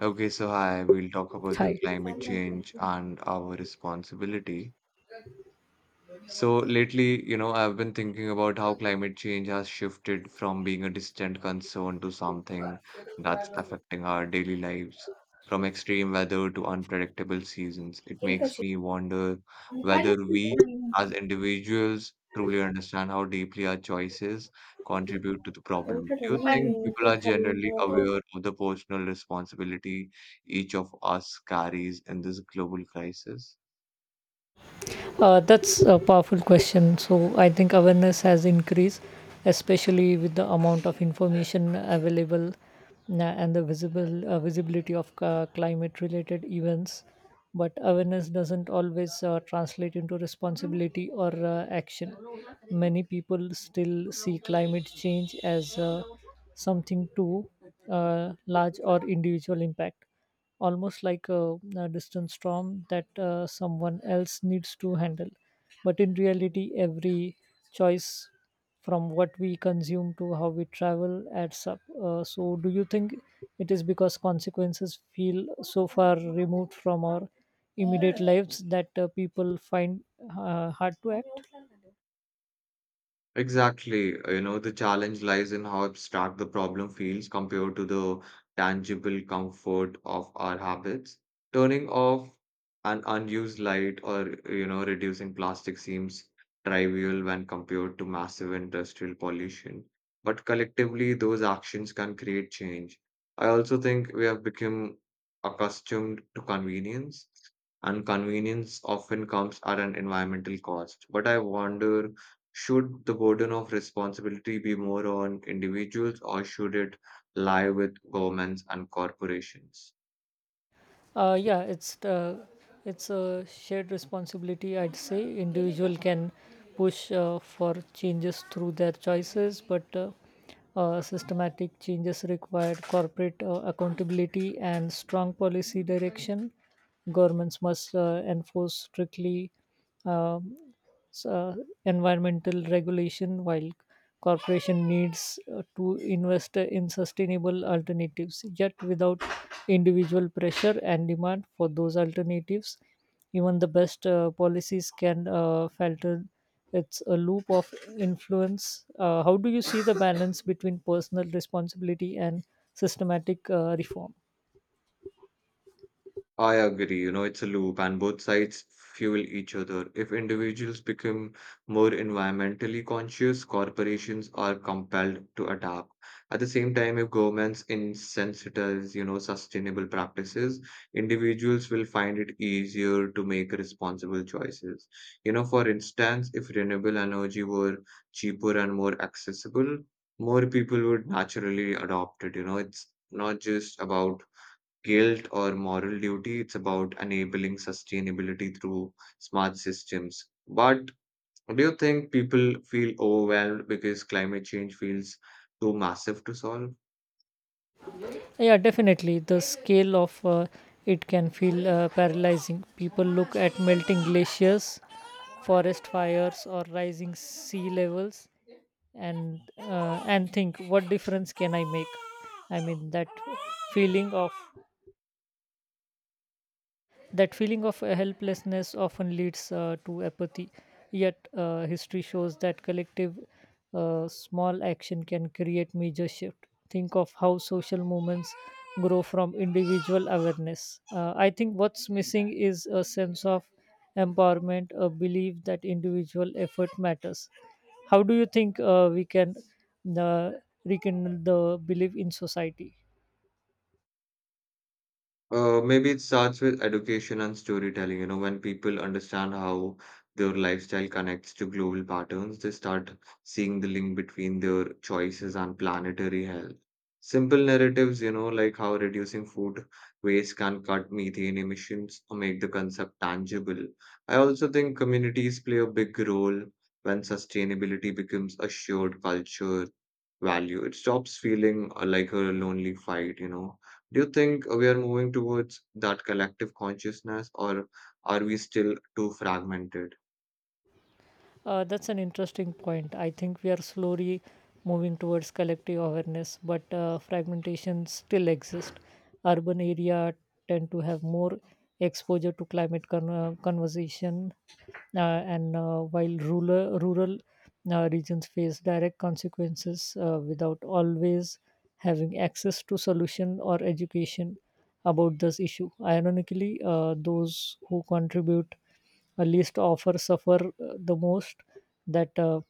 Okay, so hi, we'll talk about the Hi. climate change and our responsibility. So lately, you know, I've been thinking about how climate change has shifted from being a distant concern to something that's affecting our daily lives. From extreme weather to unpredictable seasons, it केली makes कशी? me wonder whether उलटं we as individuals truly understand how deeply our choices contribute to the problem. Do you ठेवलं ना think मी people ते are खाली generally जवळ. aware of the personal responsibility each of us carries in this global crisis? That's a powerful question. So I think awareness has increased, especially with the amount of information available, and the visible visibility of climate-related events. But awareness doesn't always translate into responsibility or action. Many people still see climate change as something too large or individual impact, almost like a distant storm that someone else needs to handle. But in reality, every choice, from what we consume to how we travel, adds up. So, do you think it is because consequences feel so far removed from our immediate lives that people find hard to act? Exactly. You know, the challenge lies in how abstract the problem feels compared to the tangible comfort of our habits. Turning off an unused light or, you know, reducing plastic seems trivial when compared to massive industrial pollution. But collectively, those actions can create change. I also think we have become accustomed to convenience, and convenience often comes at an environmental cost. But I wonder, should the burden of responsibility be more on individuals or should it lie with governments and corporations? Yeah, it's a shared responsibility. I'd say individual can push for changes through their choices, but systematic changes require corporate accountability and strong policy direction. Governments must enforce strictly, uh, so environmental regulation, while corporation needs to invest in sustainable alternatives. Yet without individual pressure and demand for those alternatives, even the best policies can falter. It's a loop of influence. How do you see the balance between personal responsibility and systematic reform? I agree, you know, it's a loop and both sides fuel each other. If individuals become more environmentally conscious, corporations are compelled to adapt. At the same time, if governments incentivize, you know, sustainable practices, individuals will find it easier to make responsible choices. You know, for instance, if renewable energy were cheaper and more accessible, more people would naturally adopt it. You know, it's not just about guilt or moral duty. It's about enabling sustainability through smart systems. But do you think people feel overwhelmed because climate change feels too massive to solve? Yeah, definitely the scale of it can feel paralyzing. People look at melting glaciers, forest fires or rising sea levels, and think, what difference can I make? I mean, feeling of that feeling of helplessness often leads to apathy. Yet, history shows that collective small action can create major shift. Think of how social movements grow from individual awareness. I think what's missing is a sense of empowerment, a belief that individual effort matters. How do you think we can uh, rekindle the belief in society? Maybe it starts with education and storytelling. You know, when people understand how their lifestyle connects to global patterns, they start seeing the link between their choices and planetary health. Simple narratives, you know, like how reducing food waste can cut methane emissions or make the concept tangible. I also think communities play a big role when sustainability becomes a shared culture value. It stops feeling like a lonely fight, you know. Do you think we are moving towards that collective consciousness or are we still too fragmented? That's an interesting point. I think we are slowly moving towards collective awareness, but fragmentation still exists. Urban area tend to have more exposure to climate conversation, and while rural regions face direct consequences without always having access to solution or education about this issue. Ironically, those who contribute least offer suffer the most. that uh,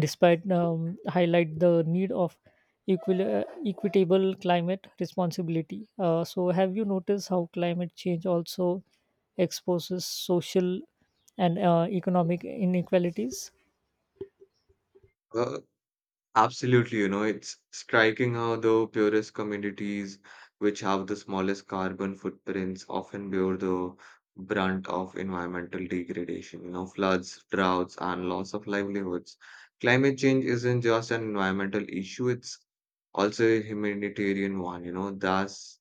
despite um, highlight the need of equitable climate responsibility. So, have you noticed how climate change also exposes social and economic inequalities? Uh, Absolutely, you know, it's striking how the purest communities, which have the smallest carbon footprints, often bear the brunt of environmental degradation, you know, floods, droughts, and loss of livelihoods. Climate change isn't just an environmental issue, it's also a humanitarian one, you know, thus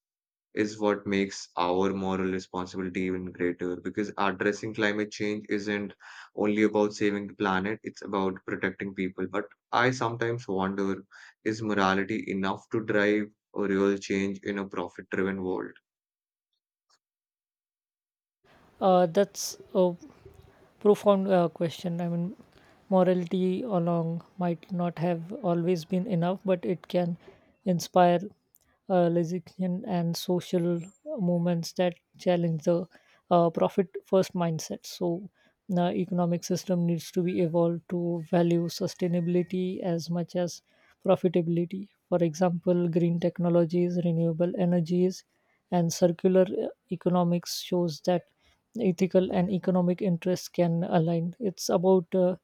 is what makes our moral responsibility even greater because addressing climate change isn't only about saving the planet, it's about protecting people. But I sometimes wonder, is morality enough to drive a real change in a profit driven world? That's profound question. I mean, morality along might not have always been enough, but it can inspire lesbian and social movements that challenge the profit first mindset. So, the economic system needs to be evolved to value sustainability as much as profitability. For example, green technologies, renewable energies, and circular economics shows that ethical and economic interests can align. It's about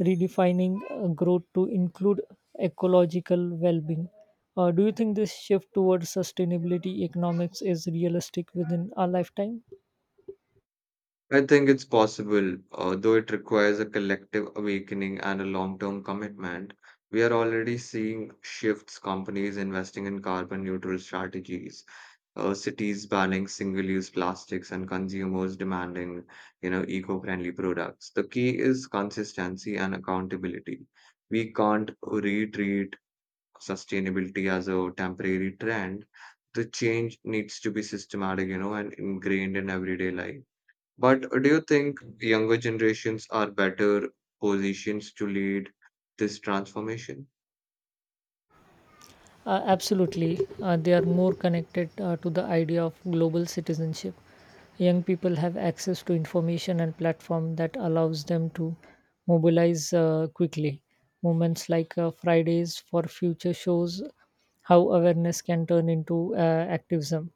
redefining growth to include ecological well being. Do you think this shift towards sustainability economics is realistic within our lifetime? I think it's possible, though it requires a collective awakening and a long-term commitment. We are already seeing shifts, companies investing in carbon neutral strategies, cities banning single-use plastics and consumers demanding, you know, eco-friendly products. The key is consistency and accountability. We can't retreat sustainability as a temporary trend. The change needs to be systematic, you know, and ingrained in everyday life. But do you think younger generations are better positions to lead this transformation? Absolutely, they are more connected to the idea of global citizenship. Young people have access to information and platform that allows them to mobilize quickly. Moments like Fridays for Future shows how awareness can turn into activism.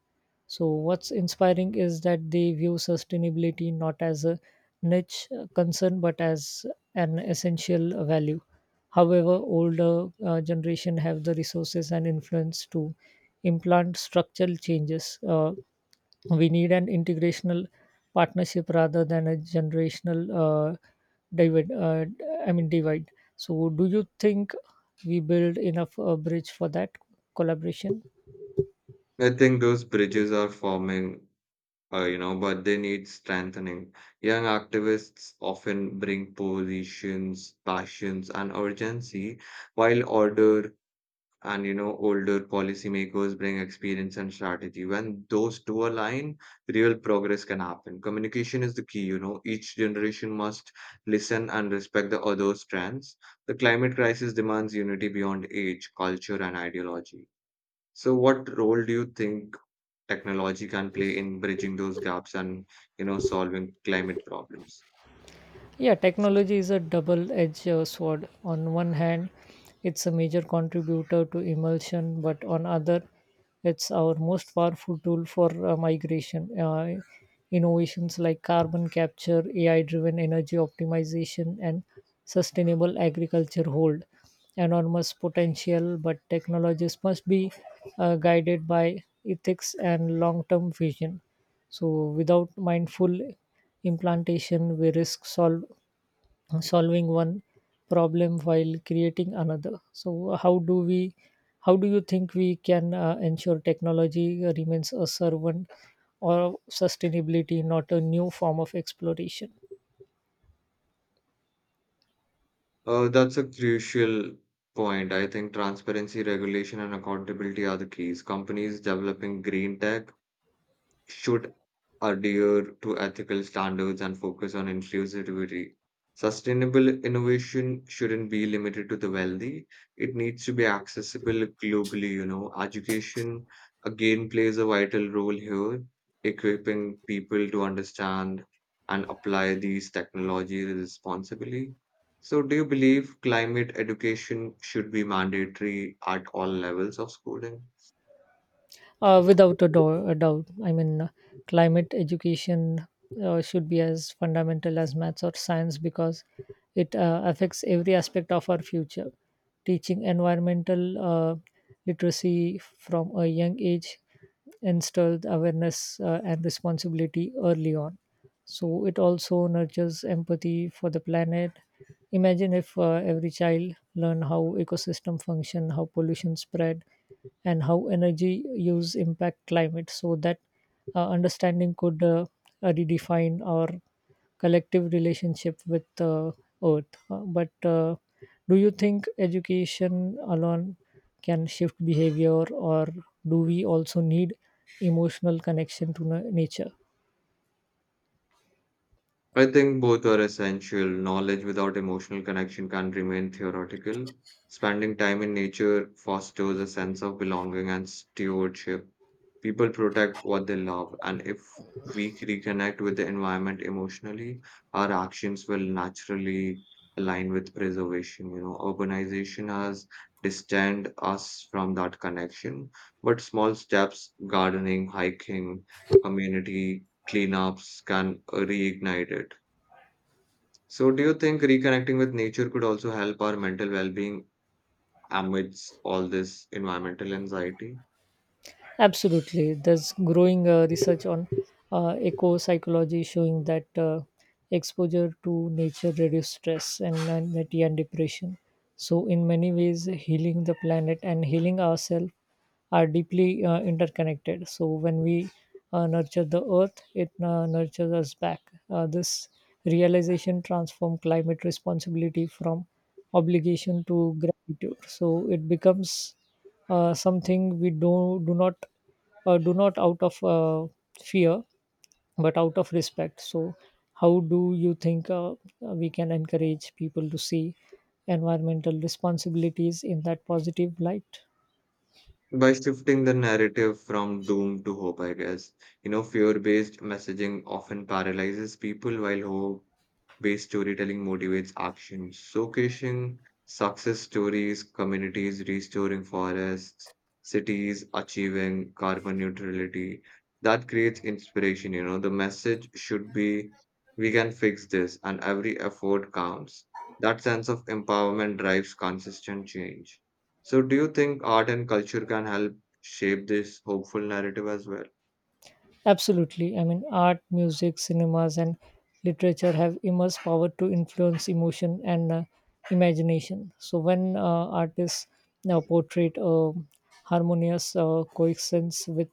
So, what's inspiring is that they view sustainability not as a niche concern but as an essential value. However, older generation have the resources and influence to implant structural changes. We need an integrational partnership rather than a generational divide. I mean divide. So, do you think we build enough bridge for that collaboration? I think those bridges are forming, you know, but they need strengthening. Young activists often bring positions, passions, and urgency, while older and, you know, older policymakers bring experience and strategy. When those two align, real progress can happen. Communication is the key, you know. Each generation must listen and respect the other's strands. The climate crisis demands unity beyond age, culture, and ideology. So what role do you think technology can play in bridging those gaps and, you know, solving climate problems? Yeah, technology is a double edged sword. On one hand, it's a major contributor to immersion, but on other, it's our most powerful tool for migration. Innovations like carbon capture, AI driven energy optimization, and sustainable agriculture hold enormous potential, but technologies must be guided by ethics and long term vision. So, without mindful implantation, we risk solve solving one problem while creating another. So how do you think we can ensure technology remains a servant or sustainability, not a new form of exploration? That's a crucial point. I think transparency, regulation, and accountability are the keys. Companies developing green tech should adhere to ethical standards and focus on inclusivity. Sustainable innovation shouldn't be limited to the wealthy. It needs to be accessible globally, you know. Education again plays a vital role here, equipping people to understand and apply these technologies responsibly. So, do you believe climate education should be mandatory at all levels of schooling? Without a doubt. I mean, climate education should be as fundamental as maths or science, because it affects every aspect of our future. Teaching environmental literacy from a young age instills awareness and responsibility early on, so it also nurtures empathy for the planet. Imagine if every child learn how ecosystem function, how pollution spread, and how energy use impact climate. So that understanding could redefine our collective relationship with earth. But do you think education alone can shift behavior, or do we also need emotional connection to nature? I think both are essential. Knowledge without emotional connection can remain theoretical. Spending time in nature fosters a sense of belonging and stewardship. People protect what they love, and if we reconnect with the environment emotionally, our actions will naturally align with preservation. You know, urbanization has distanced us from that connection, but small steps, gardening, hiking, community cleanups can reignite it. So, do you think reconnecting with nature could also help our mental well being amidst all this environmental anxiety? Absolutely. There's growing research on eco psychology showing that exposure to nature reduces stress and anxiety and depression. So, in many ways, healing the planet and healing ourselves are deeply interconnected. So, when we nurture the earth, it nurtures us back. This realization transforms climate responsibility from obligation to gratitude. So, it becomes something we do not out of fear but out of respect. So how do you think we can encourage people to see environmental responsibilities in that positive light? By shifting the narrative from doom to hope, I guess. You know, fear-based messaging often paralyzes people while hope-based storytelling motivates action. Showcasing success stories, communities restoring forests, cities achieving carbon neutrality, that creates inspiration, you know. The message should be we can fix this and every effort counts. That sense of empowerment drives consistent change. So, do you think art and culture can help shape this hopeful narrative as well? Absolutely. I mean, art, music, cinemas, and literature have immense power to influence emotion and imagination. So, when artists now portray a harmonious coexistence with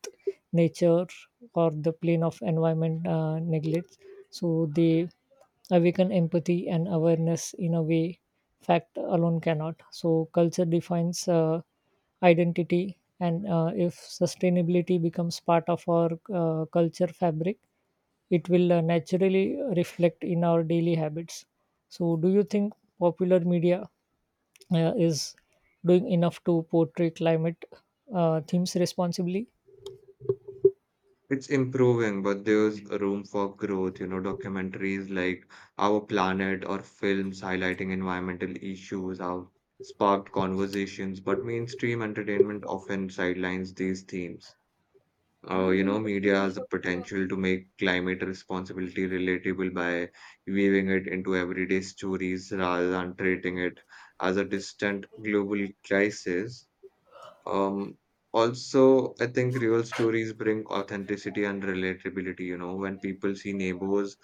nature or the plane of environment neglect, so they awaken empathy and awareness in a way fact alone cannot. So, culture defines. Identity, and if sustainability becomes part of our culture fabric, it will naturally reflect in our daily habits. So, do you think popular media is doing enough to portray climate themes responsibly? It's improving, but there's room for growth. You know, documentaries like Our Planet or films highlighting environmental issues have sparked conversations, but mainstream entertainment often sidelines these themes. You know, media has the potential to make climate responsibility relatable by weaving it into everyday stories rather than treating it as a distant global crisis. Um, Also, I think real stories bring authenticity and relatability. You know, when people see neighbors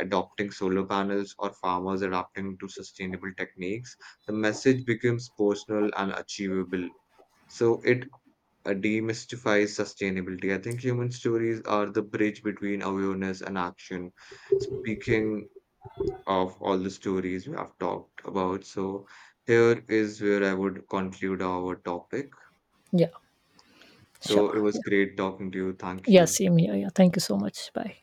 adopting solar panels or farmers adapting to sustainable techniques, the message becomes personal and achievable. So it demystifies sustainability. I think human stories are the bridge between awareness and action. Speaking of all the stories we have talked about, so here is where I would conclude our topic. Yeah, sure. So it was Yeah, great talking to you. Thank yeah, you. same here. Yeah, thank you so much. Bye.